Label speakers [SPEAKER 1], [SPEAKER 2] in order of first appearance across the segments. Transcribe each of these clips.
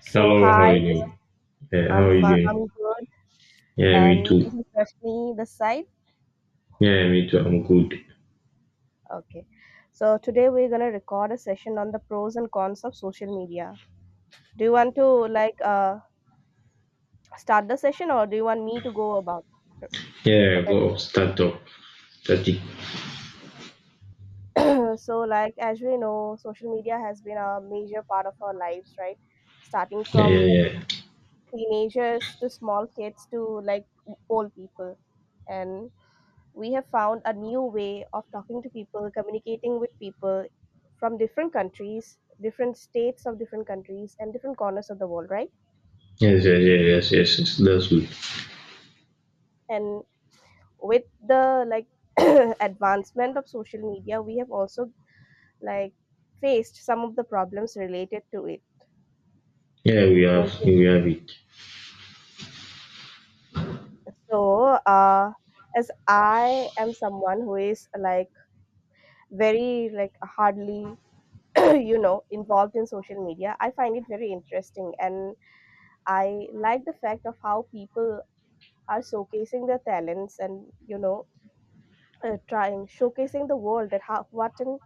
[SPEAKER 1] So
[SPEAKER 2] Hello, how
[SPEAKER 1] hi,
[SPEAKER 2] are you
[SPEAKER 1] this is
[SPEAKER 2] doing? Yeah, how are you doing?
[SPEAKER 1] I'm good,
[SPEAKER 2] Yeah, me
[SPEAKER 1] and this
[SPEAKER 2] too.
[SPEAKER 1] is Rashmi this side.
[SPEAKER 2] Yeah, me too. I'm good.
[SPEAKER 1] Okay, so today we're gonna record a session on the pros and cons of social media. Do you want to start the session, or do you want me to go about it
[SPEAKER 2] Yeah,
[SPEAKER 1] at
[SPEAKER 2] go
[SPEAKER 1] first?
[SPEAKER 2] start up. Start it.
[SPEAKER 1] So as we know, social media has been a major part of our lives, right? Starting
[SPEAKER 2] Yeah, yeah,
[SPEAKER 1] from
[SPEAKER 2] yeah.
[SPEAKER 1] teenagers to small kids to like old people, and we have found a new way of talking to people, communicating with people from different countries, different states of different countries, and different corners of the world, right?
[SPEAKER 2] Yes, yes, yes, yes, yes, yes. That's good.
[SPEAKER 1] And with the like advancement of social media, we have also like faced some of the problems related to it,
[SPEAKER 2] Yeah,
[SPEAKER 1] don't you?
[SPEAKER 2] we have it.
[SPEAKER 1] So, uh, as I am someone who is like very like hardly involved in social media, I find it very interesting, and I like the fact of how people are showcasing their talents, and trying showcasing the world that how what and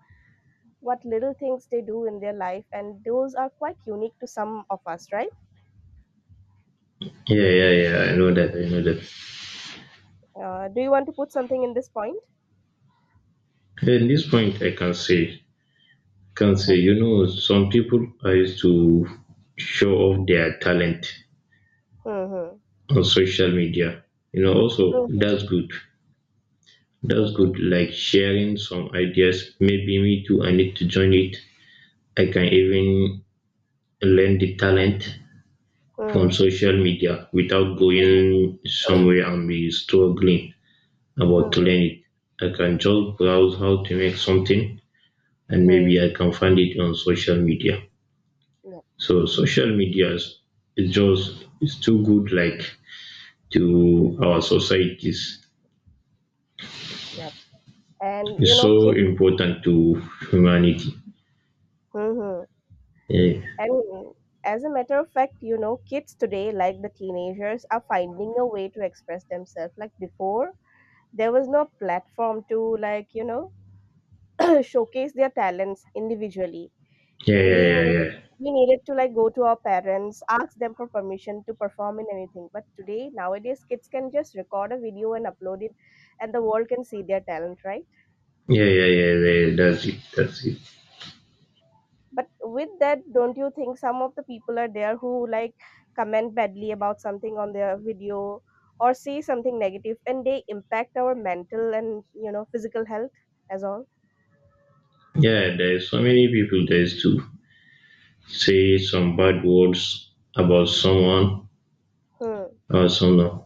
[SPEAKER 1] what little things they do in their life, and those are quite unique to some of us, right?
[SPEAKER 2] Yeah, yeah, yeah. I know that. I know that.
[SPEAKER 1] Do you want to put something in this point?
[SPEAKER 2] At this point, I can say, you
[SPEAKER 1] Okay.
[SPEAKER 2] know, some people are used to show off their talent
[SPEAKER 1] Mm-hmm.
[SPEAKER 2] on social media. You know, also
[SPEAKER 1] Mm-hmm.
[SPEAKER 2] that's good. That's good.
[SPEAKER 1] Mm-hmm.
[SPEAKER 2] Like sharing some ideas. Maybe me too. I need to join it. I can even learn the talent from
[SPEAKER 1] Mm-hmm.
[SPEAKER 2] social media without going somewhere and be struggling about to
[SPEAKER 1] Mm-hmm.
[SPEAKER 2] learn it. I can just browse how to make something, and
[SPEAKER 1] Mm-hmm.
[SPEAKER 2] maybe I can find it on social media.
[SPEAKER 1] Yep.
[SPEAKER 2] So social media is just it's too good, like to our societies.
[SPEAKER 1] Yep. And you
[SPEAKER 2] It's
[SPEAKER 1] know,
[SPEAKER 2] so
[SPEAKER 1] kids.
[SPEAKER 2] important to humanity.
[SPEAKER 1] Mm-hmm.
[SPEAKER 2] Yeah.
[SPEAKER 1] And as a matter of fact, you know, kids today, like the teenagers, are finding a way to express themselves. Like before, there was no platform to showcase their talents individually.
[SPEAKER 2] Yeah, yeah,
[SPEAKER 1] we
[SPEAKER 2] yeah,
[SPEAKER 1] need
[SPEAKER 2] yeah.
[SPEAKER 1] we needed to like go to our parents, ask them for permission to perform in anything, but today, nowadays, kids can just record a video and upload it, and the world can see their talent, right?
[SPEAKER 2] Yeah, yeah, yeah, yeah, that's it, that's it.
[SPEAKER 1] But with that, don't you think some of the people are there who like comment badly about something on their video, or say something negative, and they impact our mental and you know physical health as all?
[SPEAKER 2] Yeah, there's so many people, there is too. Say some bad words about someone
[SPEAKER 1] Hmm.
[SPEAKER 2] or someone.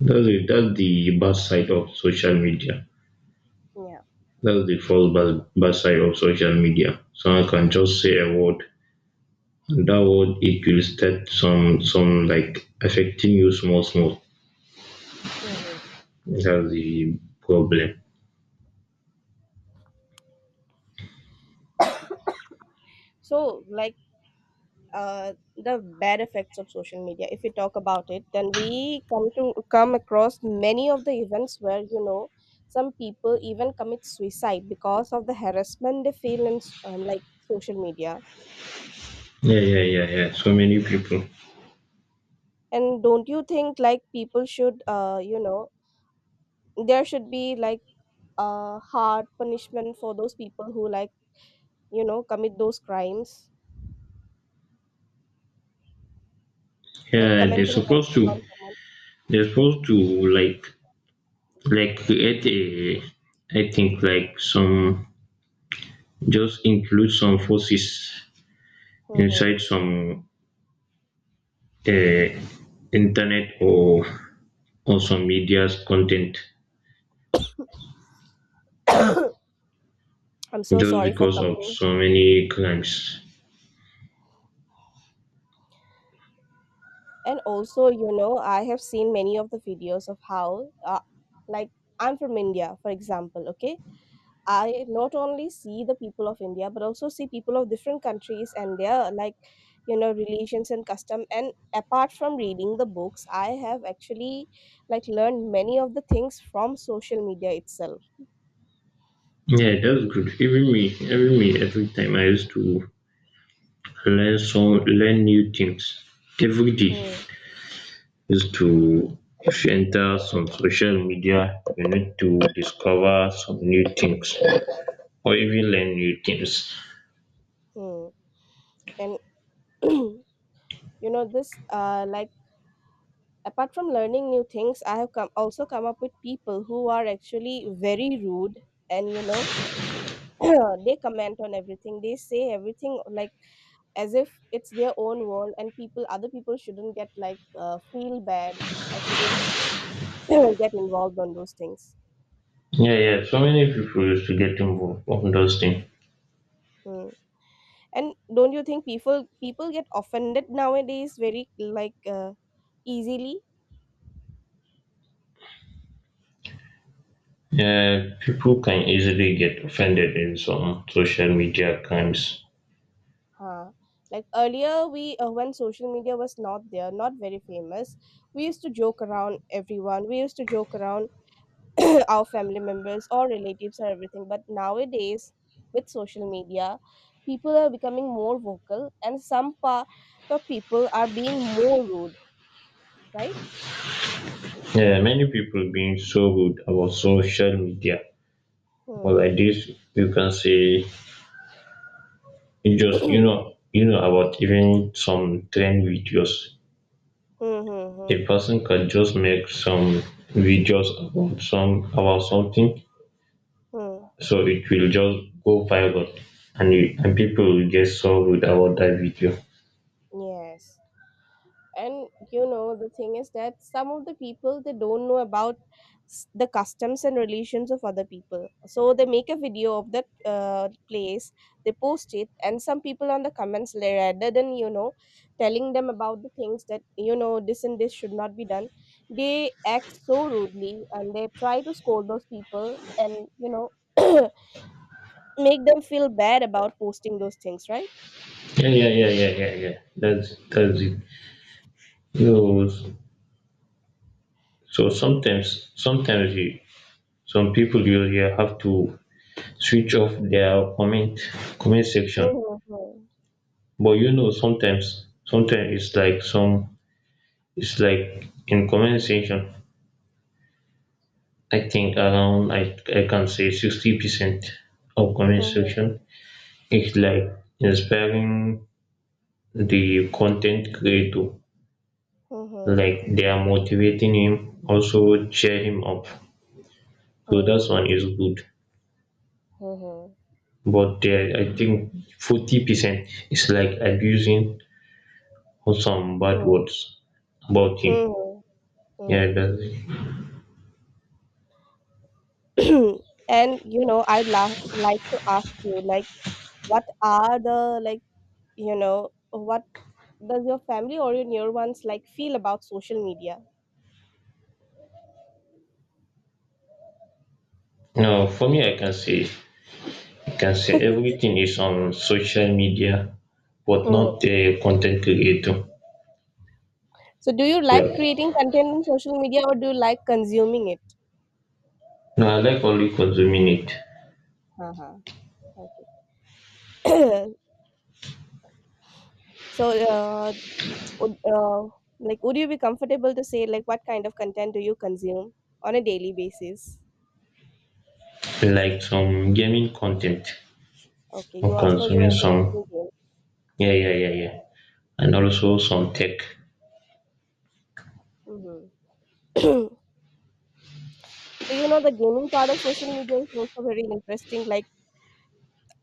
[SPEAKER 2] That's the bad side of social media.
[SPEAKER 1] Yeah.
[SPEAKER 2] That's the first bad, bad side of social media. Someone can just say a word, and that word, it will start some like affecting you small small.
[SPEAKER 1] Hmm.
[SPEAKER 2] That's the problem.
[SPEAKER 1] So, the bad effects of social media, if we talk about it, then we come across many of the events where you know some people even commit suicide because of the harassment they feel in social media.
[SPEAKER 2] Yeah, yeah, yeah, yeah. So many people.
[SPEAKER 1] And don't you think like people should you know, there should be like a hard punishment for those people who like you know commit those crimes, like
[SPEAKER 2] Yeah, they're
[SPEAKER 1] commenting
[SPEAKER 2] supposed to.
[SPEAKER 1] badly on someone?
[SPEAKER 2] They're supposed to like like create a. I think like some, just include some forces
[SPEAKER 1] Mm-hmm.
[SPEAKER 2] inside some uh, internet or some media's content,
[SPEAKER 1] I'm so
[SPEAKER 2] just
[SPEAKER 1] sorry for
[SPEAKER 2] because of
[SPEAKER 1] coming.
[SPEAKER 2] so many crimes.
[SPEAKER 1] And also, you know, I have seen many of the videos of how, like, I'm from India, for example, okay? I not only see the people of India, but also see people of different countries and their, like, you know, religions and custom. And apart from reading the books, I have actually, like, learned many of the things from social media itself.
[SPEAKER 2] Yeah, that's good. Even me, every time I used to learn new things every day.
[SPEAKER 1] Hmm.
[SPEAKER 2] Is to if you enter some social media, you need to discover some new things or even learn new things.
[SPEAKER 1] Hmm. And, you know, this, apart from learning new things, I have come also come up with people who are actually very rude, and you know they comment on everything, they say everything like as if it's their own world, and people other people shouldn't get feel bad or shouldn't get involved on those things.
[SPEAKER 2] Yeah, yeah. So many people used to get involved on those things.
[SPEAKER 1] Hmm. And don't you think people get offended nowadays very easily?
[SPEAKER 2] People can easily get offended in some social media crimes.
[SPEAKER 1] Uh, like earlier, we when social media was not there, not very famous, we used to joke around everyone. We used to joke around our family members or relatives or everything. But nowadays, with social media, people are becoming more vocal, and some part of people are being more rude, right?
[SPEAKER 2] Yeah, many people being so rude about social media. But
[SPEAKER 1] Hmm.
[SPEAKER 2] like this, you can say you just
[SPEAKER 1] Hmm,
[SPEAKER 2] you know about even some trend videos.
[SPEAKER 1] hmm, hmm,
[SPEAKER 2] A person can just make some videos about some about something,
[SPEAKER 1] hmm.
[SPEAKER 2] so it will just go viral, and people will get so rude about that video.
[SPEAKER 1] Yes. And you know, the thing is that some of the people, they don't know about the customs and relations of other people, so they make a video of that place, they post it, and some people on the comments, rather than you know telling them about the things that you know this and this should not be done, they act so rudely, and they try to scold those people, and you know make them feel bad about posting those things, right?
[SPEAKER 2] Yeah, yeah, yeah, yeah, yeah, yeah. That's it. You know, so some people, you have to switch off their comment section.
[SPEAKER 1] Mm-hmm. Mm-hmm.
[SPEAKER 2] But you know, sometimes it's like it's like in comment section. I think around I can say 60% of comment section is like inspiring the content creator.
[SPEAKER 1] Mm-hmm.
[SPEAKER 2] Like they are motivating him, also cheer him up. So
[SPEAKER 1] Mm-hmm.
[SPEAKER 2] that one is good. But there I think 40% is like abusing or some bad
[SPEAKER 1] Mm-hmm.
[SPEAKER 2] words about him.
[SPEAKER 1] Mhm, mhm.
[SPEAKER 2] Yeah, that's it.
[SPEAKER 1] And you know, I'd la like to ask you, like, what are the like, you know, what does your family or your near ones like feel about social media?
[SPEAKER 2] No, for me, I can say everything is on social media, but
[SPEAKER 1] Hmm.
[SPEAKER 2] not a content creator.
[SPEAKER 1] So, do you like
[SPEAKER 2] Like
[SPEAKER 1] creating content on social media, or do you like consuming it?
[SPEAKER 2] no, I like only consuming it,
[SPEAKER 1] Uh-huh. Okay. So, uh, would, uh, would you be comfortable to say like what kind of content do you consume on a daily basis?
[SPEAKER 2] like some gaming content.
[SPEAKER 1] Okay,
[SPEAKER 2] I'm
[SPEAKER 1] you are
[SPEAKER 2] consuming
[SPEAKER 1] interested
[SPEAKER 2] some.
[SPEAKER 1] in
[SPEAKER 2] Yeah, yeah, yeah, yeah, and also some tech.
[SPEAKER 1] games. Mm-hmm. So you know the gaming part of social media is also very interesting. Like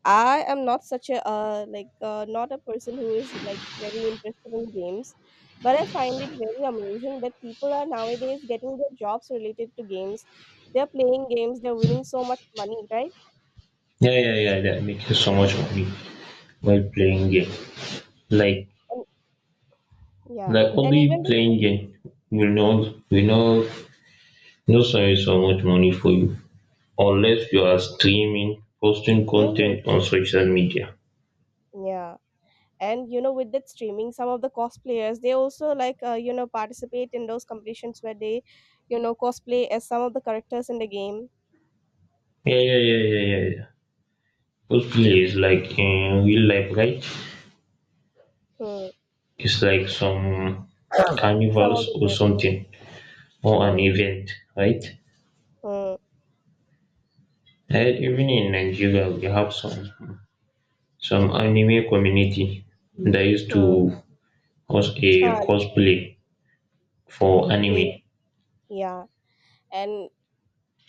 [SPEAKER 1] I am not such a not a person who is like very interested in games, but I find it very amazing that people are nowadays getting their jobs related to games. They're playing games. They're winning so much money, right?
[SPEAKER 2] Yeah, yeah, yeah. They're making so much money while playing game. Like
[SPEAKER 1] And yeah,
[SPEAKER 2] Like
[SPEAKER 1] and
[SPEAKER 2] only
[SPEAKER 1] even the
[SPEAKER 2] playing game will not not service so much money for you unless you are streaming, posting content on
[SPEAKER 1] Mhm.
[SPEAKER 2] social media.
[SPEAKER 1] Yeah. And you know, with that streaming, some of the cosplayers, they also like you know participate in those competitions where they, you know, cosplay as some of the characters in the game.
[SPEAKER 2] Yeah, yeah, yeah, yeah, yeah, yeah. Those players like in real life, right?
[SPEAKER 1] Hmm.
[SPEAKER 2] It's like some
[SPEAKER 1] Some of
[SPEAKER 2] carnivals
[SPEAKER 1] the
[SPEAKER 2] or
[SPEAKER 1] characters.
[SPEAKER 2] something or
[SPEAKER 1] Hmm,
[SPEAKER 2] an event, right?
[SPEAKER 1] hmm,
[SPEAKER 2] And even in Nigeria, we have some anime community that used
[SPEAKER 1] hmm,
[SPEAKER 2] to host a
[SPEAKER 1] huh,
[SPEAKER 2] cosplay for
[SPEAKER 1] they
[SPEAKER 2] anime.
[SPEAKER 1] yeah. And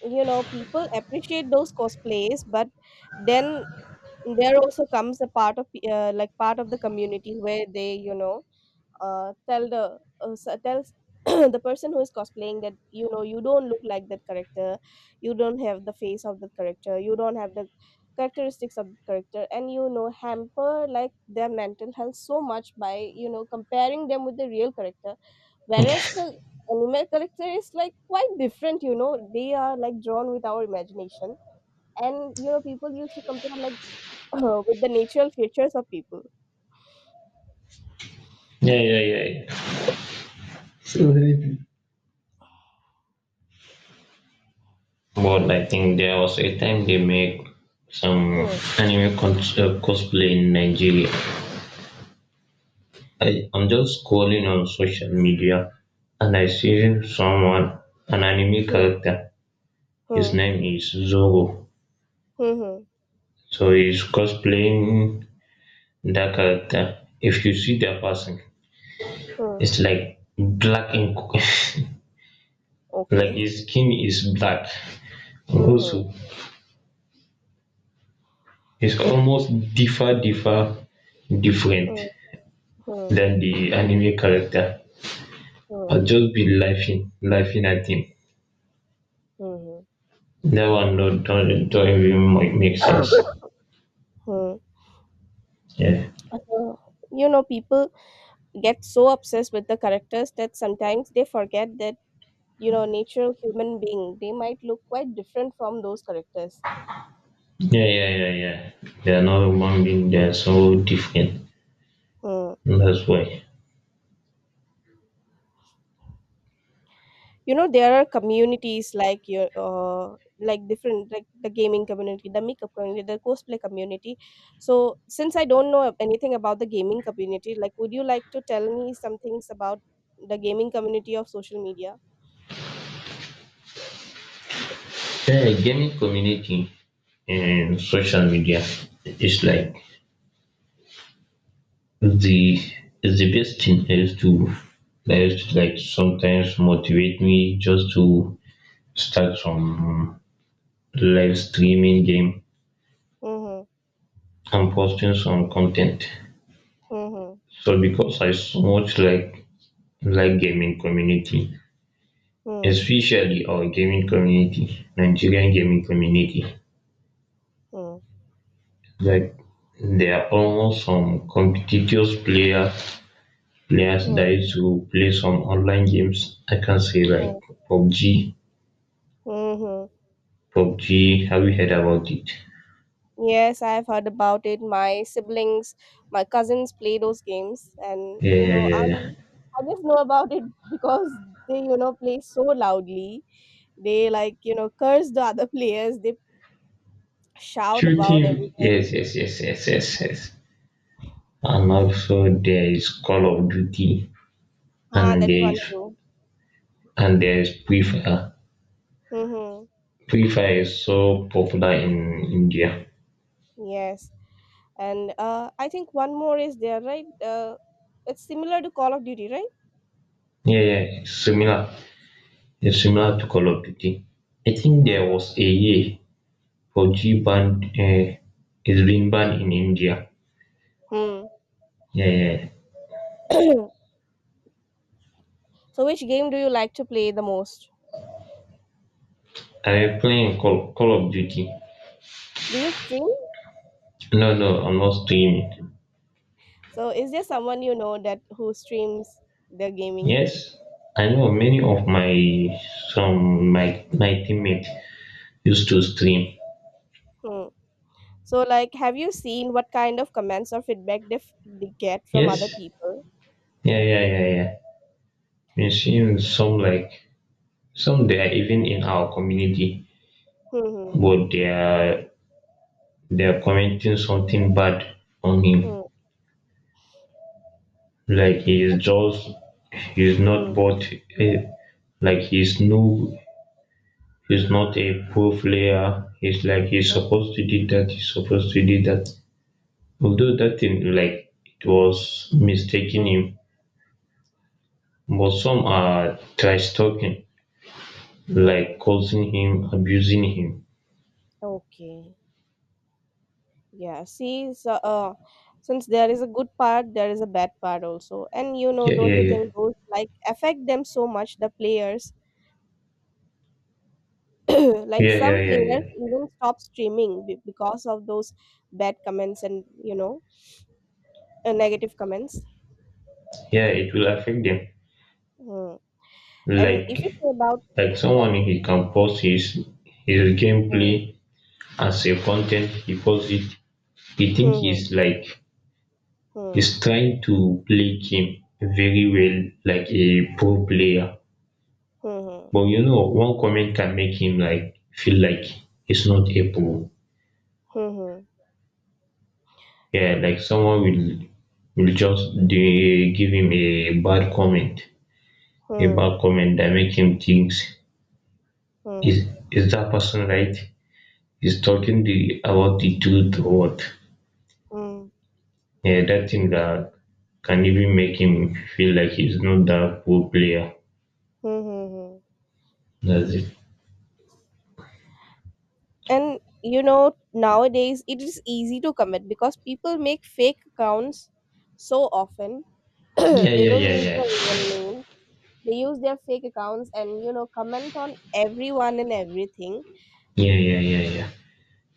[SPEAKER 1] you know, people appreciate those cosplays, but then there also comes a part of part of the community where they you know tells the person who is cosplaying that you know you don't look like that character, you don't have the face of the character, you don't have the characteristics of the character, and you know hamper like their mental health so much by you know comparing them with the real character, whereas the anime character is like quite different, you know, they are like drawn with our imagination, and you know people used to compare like with the natural features of people.
[SPEAKER 2] Yeah, yeah, yeah, yeah. But I think there was a time they make some
[SPEAKER 1] Hmm,
[SPEAKER 2] cosplay in Nigeria. I'm just scrolling on social media and I see someone, an anime
[SPEAKER 1] hmm,
[SPEAKER 2] character. His
[SPEAKER 1] hmm,
[SPEAKER 2] name is Zoro.
[SPEAKER 1] hmm, hmm,
[SPEAKER 2] So he's cosplaying that character. If you see that person,
[SPEAKER 1] hmm.
[SPEAKER 2] it's like black ink. Like
[SPEAKER 1] Okay.
[SPEAKER 2] his skin is black. And
[SPEAKER 1] Mhm,
[SPEAKER 2] also, it's almost different
[SPEAKER 1] mhm, mhm,
[SPEAKER 2] than the anime character.
[SPEAKER 1] mhm,
[SPEAKER 2] I'll just be laughing at him.
[SPEAKER 1] mhm.
[SPEAKER 2] That one don't even make sense.
[SPEAKER 1] Mhm.
[SPEAKER 2] Yeah.
[SPEAKER 1] So, you know, people get so obsessed with the characters that sometimes they forget that, you know, natural human being, they might look quite different from those characters.
[SPEAKER 2] Yeah, yeah, yeah, yeah. They are not human beings, they are so different.
[SPEAKER 1] Hmm.
[SPEAKER 2] That's why.
[SPEAKER 1] You know, there are communities like your, different, like the gaming community, the makeup community, the cosplay community. So, since I don't know anything about the gaming community, like, would you like to tell me some things about the gaming community of social media?
[SPEAKER 2] Yeah, gaming community and social media is like the is the best thing that used to like sometimes motivate me just to start some live streaming game
[SPEAKER 1] Mhm,
[SPEAKER 2] and posting some content.
[SPEAKER 1] mhm,
[SPEAKER 2] So because I so much like gaming community,
[SPEAKER 1] mm,
[SPEAKER 2] especially our gaming community, Nigerian gaming community.
[SPEAKER 1] mm,
[SPEAKER 2] Like there are almost some competitive player players that
[SPEAKER 1] mm,
[SPEAKER 2] used to play some online games. I can say
[SPEAKER 1] mm,
[SPEAKER 2] like PUBG.
[SPEAKER 1] mhm.
[SPEAKER 2] PUBG, have you heard about it?
[SPEAKER 1] Yes, I've heard about it. My siblings, my cousins play those games, and
[SPEAKER 2] Yeah,
[SPEAKER 1] you
[SPEAKER 2] yeah,
[SPEAKER 1] know,
[SPEAKER 2] yeah, yeah.
[SPEAKER 1] I just know about it because they, you know, play so loudly. They like, you know, curse the other players. They shout about
[SPEAKER 2] Shooting,
[SPEAKER 1] everything.
[SPEAKER 2] yes, yes, yes, yes, yes, yes. And also there is Call of Duty,
[SPEAKER 1] Ah,
[SPEAKER 2] and
[SPEAKER 1] that
[SPEAKER 2] there
[SPEAKER 1] one
[SPEAKER 2] is
[SPEAKER 1] too.
[SPEAKER 2] and there is Free Fire.
[SPEAKER 1] Mm-hmm.
[SPEAKER 2] Free Fire is so popular in India.
[SPEAKER 1] Yes, and I think one more is there, right? It's similar to Call of Duty, right?
[SPEAKER 2] Yeah, ya similar, it's similar to Call of Duty. I think there
[SPEAKER 1] Uh-huh.
[SPEAKER 2] was a year fauji banned it's been banned in India.
[SPEAKER 1] Hmm.
[SPEAKER 2] Yeah, yeah.
[SPEAKER 1] So, which game do you like to play the most?
[SPEAKER 2] I am playing Call of Duty.
[SPEAKER 1] Do you stream?
[SPEAKER 2] No no, I'm not streaming.
[SPEAKER 1] So, is there someone you know that who streams their gaming?
[SPEAKER 2] Yes, I know many of my some my my teammates used to stream.
[SPEAKER 1] Hmm. So, like, have you seen what kind of comments or feedback they, they get from other
[SPEAKER 2] Yes.
[SPEAKER 1] people?
[SPEAKER 2] Yeah, yeah, yeah, yeah. We seen some like some, they are even in our community,
[SPEAKER 1] Hmm.
[SPEAKER 2] but they are commenting something bad on
[SPEAKER 1] Hmm.
[SPEAKER 2] him. Like he is not
[SPEAKER 1] Hmm.
[SPEAKER 2] but, a, like he's no, he's not a pro player. He's like he's
[SPEAKER 1] Hmm.
[SPEAKER 2] supposed to do that. He's supposed to do that. Although that thing, like it was
[SPEAKER 1] Hmm.
[SPEAKER 2] mistaking him, but some
[SPEAKER 1] Hmm. Hmm.
[SPEAKER 2] are trash talking, like
[SPEAKER 1] Hmm.
[SPEAKER 2] causing him, abusing him.
[SPEAKER 1] Okay. Yeah. See, since there is a good part, there is a bad part also, and you know,
[SPEAKER 2] Yeah,
[SPEAKER 1] don't
[SPEAKER 2] yeah,
[SPEAKER 1] you
[SPEAKER 2] yeah,
[SPEAKER 1] think those like affect them so much, the players? Like
[SPEAKER 2] yeah,
[SPEAKER 1] some
[SPEAKER 2] yeah, yeah,
[SPEAKER 1] players
[SPEAKER 2] yeah.
[SPEAKER 1] even stop streaming because of those bad comments and you know negative comments.
[SPEAKER 2] Yeah, it will affect them.
[SPEAKER 1] Hmm. And if
[SPEAKER 2] Like
[SPEAKER 1] you say about
[SPEAKER 2] like someone
[SPEAKER 1] like
[SPEAKER 2] he can post his
[SPEAKER 1] hmm,
[SPEAKER 2] gameplay as a content. He posts it, the think
[SPEAKER 1] hmm,
[SPEAKER 2] he's like
[SPEAKER 1] hmm,
[SPEAKER 2] he's trying to play game very well like a pro player.
[SPEAKER 1] hmm, hmm,
[SPEAKER 2] But you know, one comment can make him like feel like he's not a pro.
[SPEAKER 1] hmm, hmm,
[SPEAKER 2] Yeah, like someone will just, they give him a
[SPEAKER 1] hmm,
[SPEAKER 2] bad comment that make him think
[SPEAKER 1] hmm,
[SPEAKER 2] is that person right? Is talking the about the truth or what?
[SPEAKER 1] hmm,
[SPEAKER 2] Yeah, that thing that can even make him feel like he's not that pro player.
[SPEAKER 1] hmm, hmm.
[SPEAKER 2] That's it.
[SPEAKER 1] And you know nowadays it is easy to comment because people make fake accounts so often,
[SPEAKER 2] Yeah,
[SPEAKER 1] they
[SPEAKER 2] yeah,
[SPEAKER 1] don't
[SPEAKER 2] yeah,
[SPEAKER 1] use
[SPEAKER 2] yeah,
[SPEAKER 1] their real name, they use their fake accounts and you know comment on everyone and everything.
[SPEAKER 2] yeah, yeah, yeah, yeah,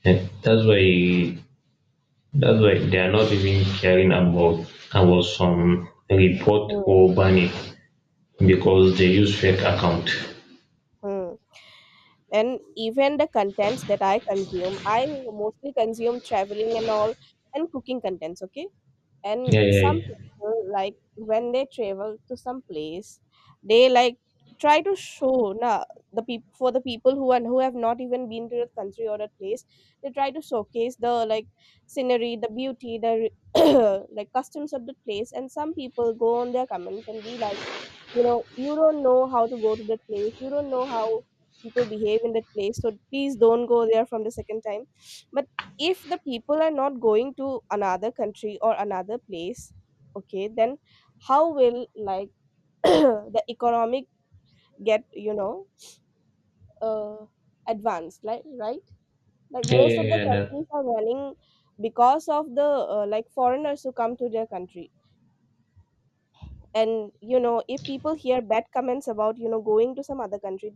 [SPEAKER 2] yeah. That's why they are not even caring about some report
[SPEAKER 1] Hmm.
[SPEAKER 2] or banning because they use fake account.
[SPEAKER 1] Hmm. And even the contents that I consume, I mostly consume traveling and all and cooking contents, okay? And
[SPEAKER 2] Yeah, yeah,
[SPEAKER 1] some
[SPEAKER 2] yeah,
[SPEAKER 1] people, like when they travel to some place, they like try to show na the people for the people who and who have not even been to the country or the place, they try to showcase the like scenery, the beauty, the like customs of the place. And some people go on their comments and be like, you know, you don't know how to go to that place, you don't know how people behave in that place, so please don't go there from the second time. But if the people are not going to another country or another place, okay, then how will, like, the economic get, you know, uh, advanced, like, right. Like
[SPEAKER 2] yeah,
[SPEAKER 1] most of
[SPEAKER 2] yeah,
[SPEAKER 1] the
[SPEAKER 2] yeah. That,
[SPEAKER 1] countries are running because of the like foreigners who come to their country. And you know, if people hear bad comments about, you know, going to some other country,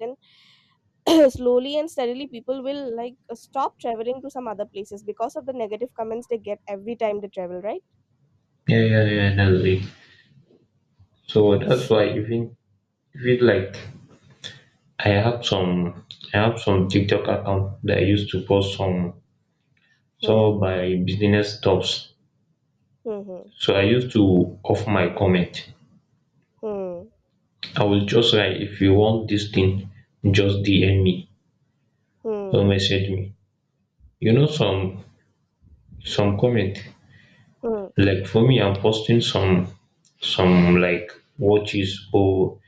[SPEAKER 1] then slowly and steadily people will, like, stop traveling to some other places because of the negative comments they get every time they travel, right?
[SPEAKER 2] yeah, yeah, yeah. That's it. So that's why even, even like, I have some I have some TikTok account that I used to post some
[SPEAKER 1] Hmm,
[SPEAKER 2] of my business stuffs.
[SPEAKER 1] hmm,
[SPEAKER 2] So I used to off my comment.
[SPEAKER 1] hmm,
[SPEAKER 2] I will just write, if you want this thing, just DM me
[SPEAKER 1] hmm,
[SPEAKER 2] or message me. You know some comment,
[SPEAKER 1] hmm,
[SPEAKER 2] like for me I'm posting some like watches or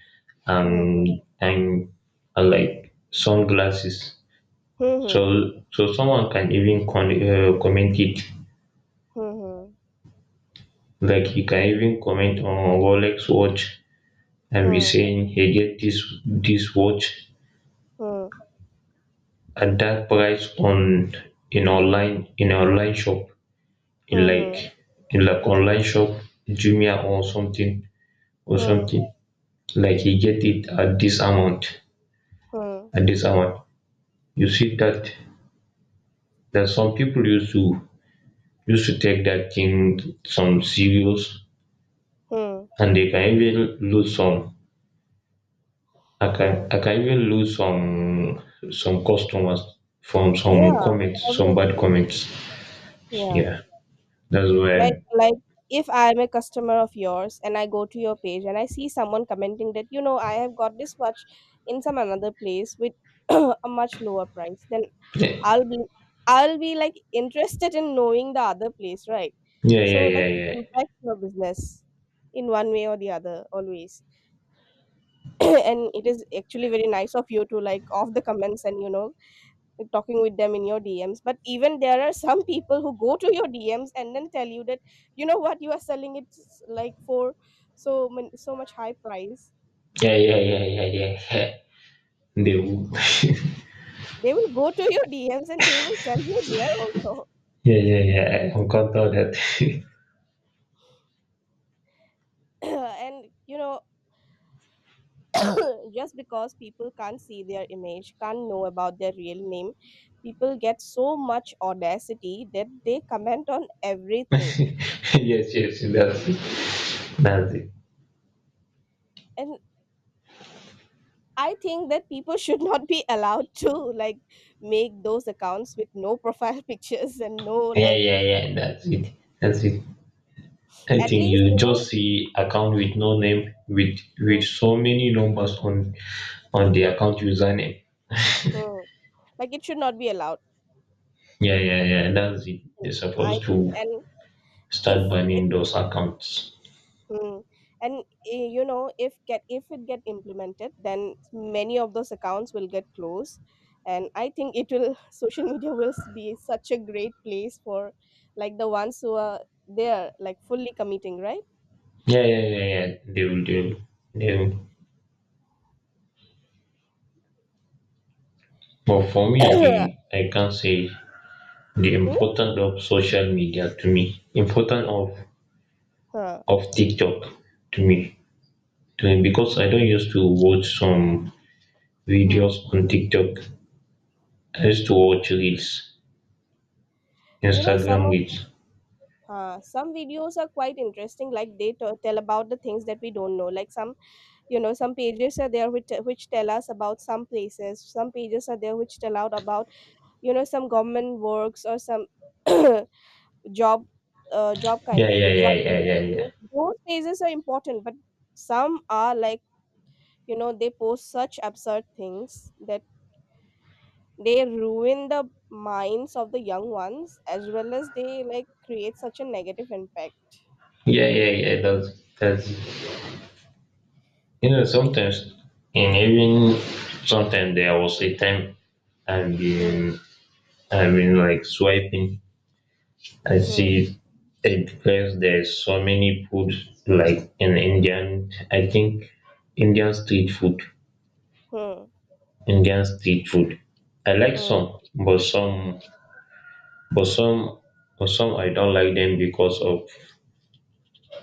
[SPEAKER 2] um,
[SPEAKER 1] hmm,
[SPEAKER 2] and like sunglasses.
[SPEAKER 1] hmm,
[SPEAKER 2] So so someone can even comment it,
[SPEAKER 1] hmm, hmm,
[SPEAKER 2] like you can even comment on Rolex watch and be
[SPEAKER 1] hmm,
[SPEAKER 2] saying, hey, get this watch
[SPEAKER 1] hmm,
[SPEAKER 2] at that price on in online shop. In like
[SPEAKER 1] hmm,
[SPEAKER 2] in like online shop, jumia or something or
[SPEAKER 1] hmm, hmm,
[SPEAKER 2] something, like he get it at this amount,
[SPEAKER 1] hmm, hmm,
[SPEAKER 2] at this amount. You see that, that some people used to take that thing some serious,
[SPEAKER 1] hmm,
[SPEAKER 2] and they can even lose some,
[SPEAKER 1] hmm.
[SPEAKER 2] I can even lose some customers from some
[SPEAKER 1] Yeah,
[SPEAKER 2] comments, some bad
[SPEAKER 1] obviously.
[SPEAKER 2] comments.
[SPEAKER 1] Yeah.
[SPEAKER 2] Yeah, that's
[SPEAKER 1] like
[SPEAKER 2] why.
[SPEAKER 1] like if I am a customer of yours and I go to your page and I see someone commenting that, you know, I have got this watch in some another place with a much lower price, then
[SPEAKER 2] Yeah,
[SPEAKER 1] i'll be I'll be like interested in knowing the other place, right?
[SPEAKER 2] yeah,
[SPEAKER 1] So
[SPEAKER 2] yeah,
[SPEAKER 1] like it
[SPEAKER 2] yeah,
[SPEAKER 1] impacts your business in one way or the other, always. And it is actually very nice of you to, like, off the comments and, you know, talking with them in your DMs. But even there are some people who go to your DMs and then tell you that, you know, what you are selling it s- like for so man- so much high price.
[SPEAKER 2] yeah, yeah, yeah, yeah, yeah. Yeah, they will.
[SPEAKER 1] They will go to your DMs and they will tell you there also.
[SPEAKER 2] Yeah, yeah, yeah. I encountered that.
[SPEAKER 1] And you know, just because people can't see their image, can't know about their real name, people get so much audacity that they comment on everything.
[SPEAKER 2] Yes, yes, that's it. That's it.
[SPEAKER 1] And I think that people should not be allowed to, like, make those accounts with no profile pictures and no,
[SPEAKER 2] Yeah,
[SPEAKER 1] like,
[SPEAKER 2] yeah, yeah. That's it. That's it. I
[SPEAKER 1] at
[SPEAKER 2] think
[SPEAKER 1] least,
[SPEAKER 2] you
[SPEAKER 1] you know.
[SPEAKER 2] just see account with no name with
[SPEAKER 1] mm,
[SPEAKER 2] so many numbers on the account username.
[SPEAKER 1] mm, like it should not be allowed.
[SPEAKER 2] Yeah, yeah, yeah. That's it.
[SPEAKER 1] mm,
[SPEAKER 2] They're
[SPEAKER 1] I
[SPEAKER 2] supposed
[SPEAKER 1] think,
[SPEAKER 2] to
[SPEAKER 1] and if
[SPEAKER 2] start
[SPEAKER 1] it
[SPEAKER 2] banning those accounts.
[SPEAKER 1] mm, and you know, if get if it get implemented, then many of those accounts will get closed, and I think it will social media will s- be such a great place for, like, the ones who are there, like, fully committing, right?
[SPEAKER 2] Yeah, yeah, yeah, yeah. They will, they will.
[SPEAKER 1] And
[SPEAKER 2] But for me, the I can say the
[SPEAKER 1] hmm?
[SPEAKER 2] importance of social media to me, important
[SPEAKER 1] Huh.
[SPEAKER 2] of TikTok to me, to me because I don't used to watch some
[SPEAKER 1] Hmm.
[SPEAKER 2] videos on TikTok. I used to watch reels,
[SPEAKER 1] You know, some
[SPEAKER 2] Instagram
[SPEAKER 1] of,
[SPEAKER 2] reels.
[SPEAKER 1] some videos are quite interesting. Like they t- tell about the things that we don't know. Like some, you know, some pages are there which tell us about some places. Some pages are there which tell out about, you know, some government works or some job, job kind
[SPEAKER 2] Yeah,
[SPEAKER 1] of
[SPEAKER 2] yeah,
[SPEAKER 1] job
[SPEAKER 2] yeah,
[SPEAKER 1] related
[SPEAKER 2] yeah, yeah,
[SPEAKER 1] things. Those pages are important, but some are like, you know, they post such absurd things that they ruin the minds of the young ones as well as they, like, create such a negative impact.
[SPEAKER 2] yeah, yeah, yeah, yeah. That's you know, sometimes, and even sometimes there was a time I've
[SPEAKER 1] Hmm,
[SPEAKER 2] been I've been like swiping. I
[SPEAKER 1] hmm,
[SPEAKER 2] see a place, there's so many food like in
[SPEAKER 1] hmm,
[SPEAKER 2] Indian. I think Indian street food.
[SPEAKER 1] hmm,
[SPEAKER 2] Indian street food. I like
[SPEAKER 1] hmm.
[SPEAKER 2] but some, but some I don't like them because of,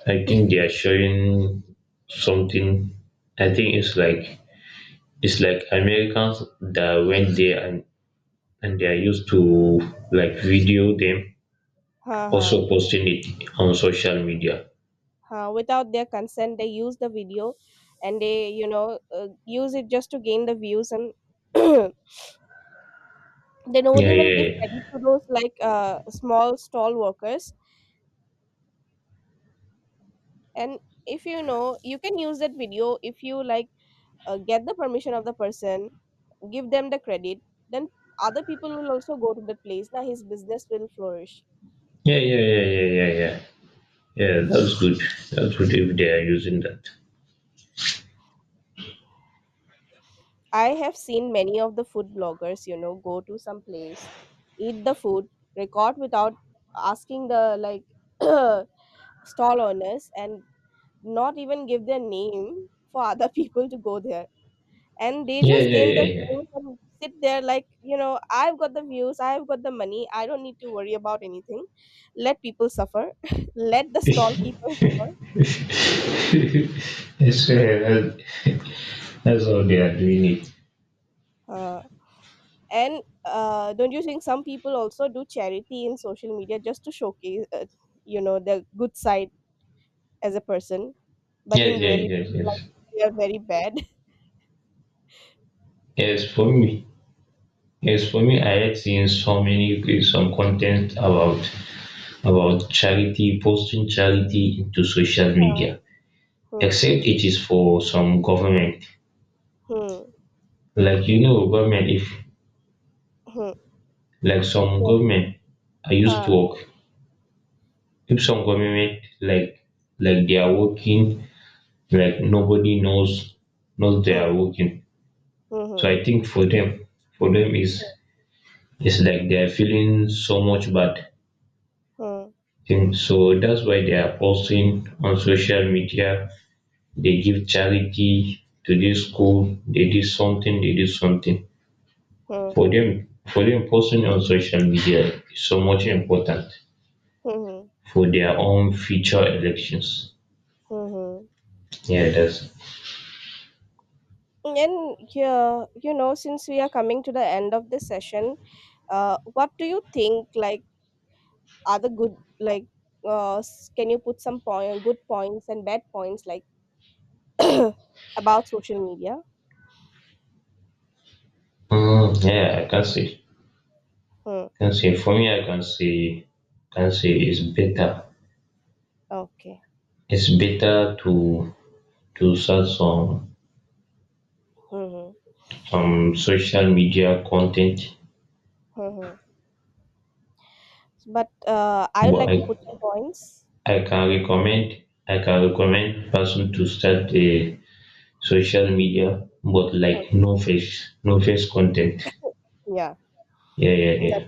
[SPEAKER 2] I think they are showing something. I think it's like, it's like Americans that went there, and they are used to like video them,
[SPEAKER 1] Huh, huh,
[SPEAKER 2] also posting it on social media.
[SPEAKER 1] huh. Without their consent, they use the video, and they, you know, use it just to gain the views, and they don't
[SPEAKER 2] Yeah,
[SPEAKER 1] even give credit
[SPEAKER 2] yeah,
[SPEAKER 1] to those, like, small stall workers. And if, you know, you can use that video if you like, get the permission of the person, give them the credit, then other people will also go to the place. Now his business will flourish.
[SPEAKER 2] yeah, yeah, yeah, yeah, yeah, yeah. Yeah, yeah, that's good. That's good if they are using that.
[SPEAKER 1] I have seen many of the food bloggers, you know, go to some place, eat the food, record without asking the, like, stall owners, and not even give their name for other people to go there. And they
[SPEAKER 2] Yeah,
[SPEAKER 1] just
[SPEAKER 2] yeah,
[SPEAKER 1] gain the
[SPEAKER 2] yeah, yeah.
[SPEAKER 1] views and sit there like, you know, I've got the views, I've got the money, I don't need to worry about anything. Let people suffer, let the stall keeper suffer.
[SPEAKER 2] Yes, yeah. That's how they are doing it.
[SPEAKER 1] Uh, And don't you think some people also do charity in social media just to showcase, you know, their good side as a person, but
[SPEAKER 2] Yes,
[SPEAKER 1] in
[SPEAKER 2] yes, yes,
[SPEAKER 1] reality, like,
[SPEAKER 2] yes.
[SPEAKER 1] they are very bad.
[SPEAKER 2] Yes, for me, yes, for me, I had seen so many some content about charity, posting charity into social
[SPEAKER 1] Huh.
[SPEAKER 2] media.
[SPEAKER 1] Hmm.
[SPEAKER 2] Except it is for some government,
[SPEAKER 1] Hmm.
[SPEAKER 2] like you know, government. If
[SPEAKER 1] Hmm.
[SPEAKER 2] like some
[SPEAKER 1] Yes.
[SPEAKER 2] government, I used to
[SPEAKER 1] Huh.
[SPEAKER 2] work. If some government like they are working, like nobody knows they are
[SPEAKER 1] Hmm.
[SPEAKER 2] working.
[SPEAKER 1] Hmm.
[SPEAKER 2] So I think for them is it's like they're feeling so much bad
[SPEAKER 1] Hmm.
[SPEAKER 2] thing. So that's why they are posting on social media. They give charity to this school. They did something. They did something
[SPEAKER 1] Hmm.
[SPEAKER 2] for
[SPEAKER 1] Hmm.
[SPEAKER 2] them. For them, posting on social media is so much important
[SPEAKER 1] Hmm. Hmm. Hmm.
[SPEAKER 2] for their own future elections.
[SPEAKER 1] Hmm, hmm.
[SPEAKER 2] Yeah, that's.
[SPEAKER 1] And yeah, you know, since we are coming to the end of this session, what do you think? Like, are the good, like, s- can you put some point, good points and bad points? Like, about social media.
[SPEAKER 2] Mm, yeah, I can say.
[SPEAKER 1] Hmm.
[SPEAKER 2] For me, I can say it's better.
[SPEAKER 1] Okay.
[SPEAKER 2] It's better to start some
[SPEAKER 1] Hmm,
[SPEAKER 2] social media content,
[SPEAKER 1] hmm, hmm, hmm. But I would
[SPEAKER 2] but
[SPEAKER 1] like to put some points.
[SPEAKER 2] I can recommend, I can recommend person to start a social media but
[SPEAKER 1] Okay.
[SPEAKER 2] like no face, no face content.
[SPEAKER 1] Yeah.
[SPEAKER 2] Yeah,
[SPEAKER 1] That's
[SPEAKER 2] yeah,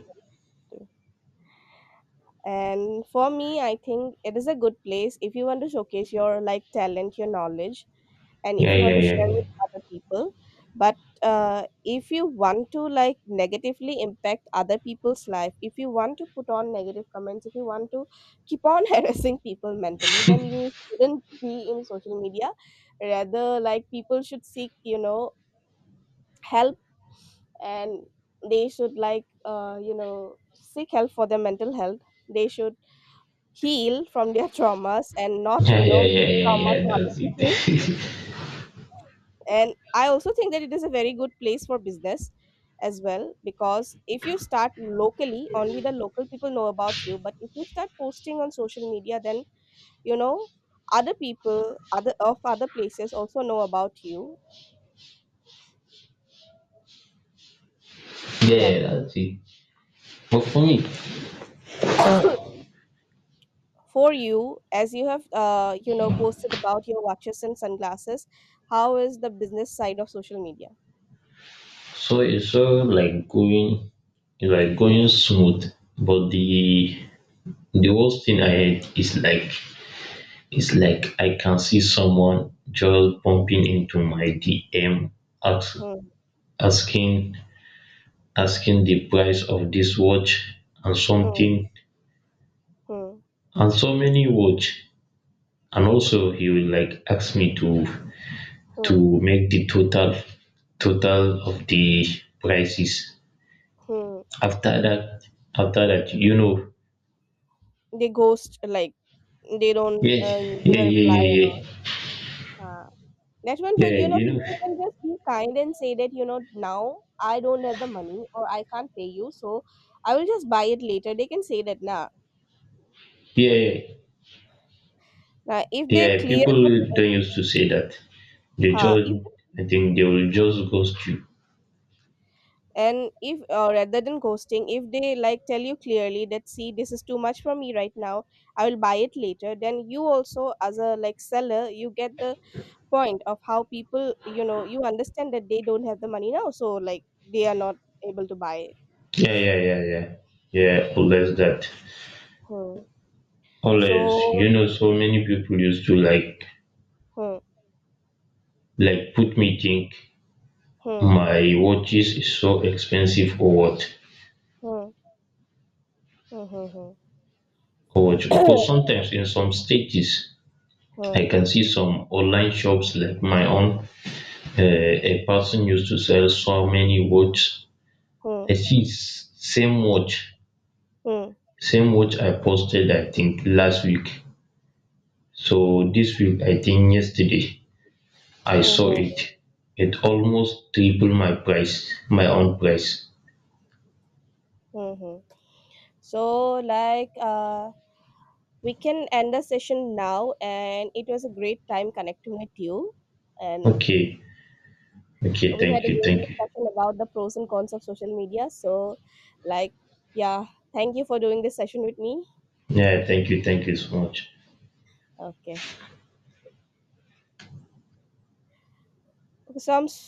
[SPEAKER 1] and for me, I think it is a good place if you want to showcase your, like, talent, your knowledge, and if
[SPEAKER 2] yeah,
[SPEAKER 1] you want
[SPEAKER 2] yeah,
[SPEAKER 1] to
[SPEAKER 2] yeah,
[SPEAKER 1] share
[SPEAKER 2] yeah.
[SPEAKER 1] with other people. But if you want to, like, negatively impact other people's life, if you want to put on negative comments, if you want to keep on harassing people mentally, then you shouldn't be in social media. Rather, like, people should seek, you know, help, and they should, like, you know, seek help for their mental health. They should heal from their traumas and not,
[SPEAKER 2] Yeah,
[SPEAKER 1] you
[SPEAKER 2] yeah,
[SPEAKER 1] know,
[SPEAKER 2] yeah,
[SPEAKER 1] give
[SPEAKER 2] yeah,
[SPEAKER 1] trauma to
[SPEAKER 2] yeah,
[SPEAKER 1] other
[SPEAKER 2] that's it.
[SPEAKER 1] people. And I also think that it is a very good place for business as well, because if you start locally, only the local people know about you, but if you start posting on social media, then, you know, other people, other of other places, also know about you.
[SPEAKER 2] Yeah,
[SPEAKER 1] Yeah.
[SPEAKER 2] yeah, that's it. But for me,
[SPEAKER 1] For you, as you have, you know, posted about your watches and sunglasses, how is the business side of social media?
[SPEAKER 2] so it's so like going, it's like
[SPEAKER 1] Hmm,
[SPEAKER 2] going smooth, but the worst thing I hate is like it's like I can see someone just
[SPEAKER 1] hmm,
[SPEAKER 2] bumping into my DM, ask,
[SPEAKER 1] hmm,
[SPEAKER 2] asking asking the price of this watch and
[SPEAKER 1] hmm,
[SPEAKER 2] something,
[SPEAKER 1] hmm,
[SPEAKER 2] and so many watch, and also he will like ask me
[SPEAKER 1] hmm.
[SPEAKER 2] to make the total, total of the prices.
[SPEAKER 1] Hmm.
[SPEAKER 2] After that, after that, you know.
[SPEAKER 1] They ghost, like they don't,
[SPEAKER 2] Yeah,
[SPEAKER 1] give a reply and
[SPEAKER 2] yeah,
[SPEAKER 1] all.
[SPEAKER 2] yeah,
[SPEAKER 1] Uh, that one
[SPEAKER 2] yeah,
[SPEAKER 1] too,
[SPEAKER 2] yeah, yeah,
[SPEAKER 1] you know,
[SPEAKER 2] you know,
[SPEAKER 1] people can just be kind and say that, you know, now I don't have the money or I can't pay you, so I will just buy it later. They can say that, nah.
[SPEAKER 2] yeah, yeah.
[SPEAKER 1] Now, if they
[SPEAKER 2] Yeah,
[SPEAKER 1] clear the,
[SPEAKER 2] people
[SPEAKER 1] uh,
[SPEAKER 2] don't used to say that. They
[SPEAKER 1] huh,
[SPEAKER 2] just,
[SPEAKER 1] if
[SPEAKER 2] I think they will just ghost you.
[SPEAKER 1] and if, rather than ghosting, if they, like, tell you clearly that, see, this is too much for me right now, I will buy it later. Then you also, as a like seller, you get the point of how people, you know, you understand that they don't have the money now, so like they are not able to buy.
[SPEAKER 2] Yeah, yeah, yeah, yeah. Yeah, always that.
[SPEAKER 1] Hmm.
[SPEAKER 2] Always, you
[SPEAKER 1] So
[SPEAKER 2] know, so many people used to
[SPEAKER 1] hmm,
[SPEAKER 2] like put me think
[SPEAKER 1] hmm,
[SPEAKER 2] my watches is so expensive or what,
[SPEAKER 1] hmm, hmm, hmm, hmm.
[SPEAKER 2] or what. But sometimes in some stages, I
[SPEAKER 1] Hmm,
[SPEAKER 2] can see some online shops like my own. A person used to sell so many watches. I
[SPEAKER 1] hmm,
[SPEAKER 2] see
[SPEAKER 1] hmm,
[SPEAKER 2] same watch I posted I think last week. So this week, I think yesterday. I
[SPEAKER 1] hmm,
[SPEAKER 2] saw
[SPEAKER 1] hmm,
[SPEAKER 2] it. It almost tripled my price, my own price.
[SPEAKER 1] hmm, hmm. So like, we can end the session now, and it was a great time connecting with you, and
[SPEAKER 2] Okay, okay,
[SPEAKER 1] we had
[SPEAKER 2] thank
[SPEAKER 1] a
[SPEAKER 2] you,
[SPEAKER 1] great
[SPEAKER 2] thank you.
[SPEAKER 1] discussion about the pros and cons of social media, so, like, yeah, thank you for doing this session with me.
[SPEAKER 2] Yeah, thank you so much.
[SPEAKER 1] Okay, so I'm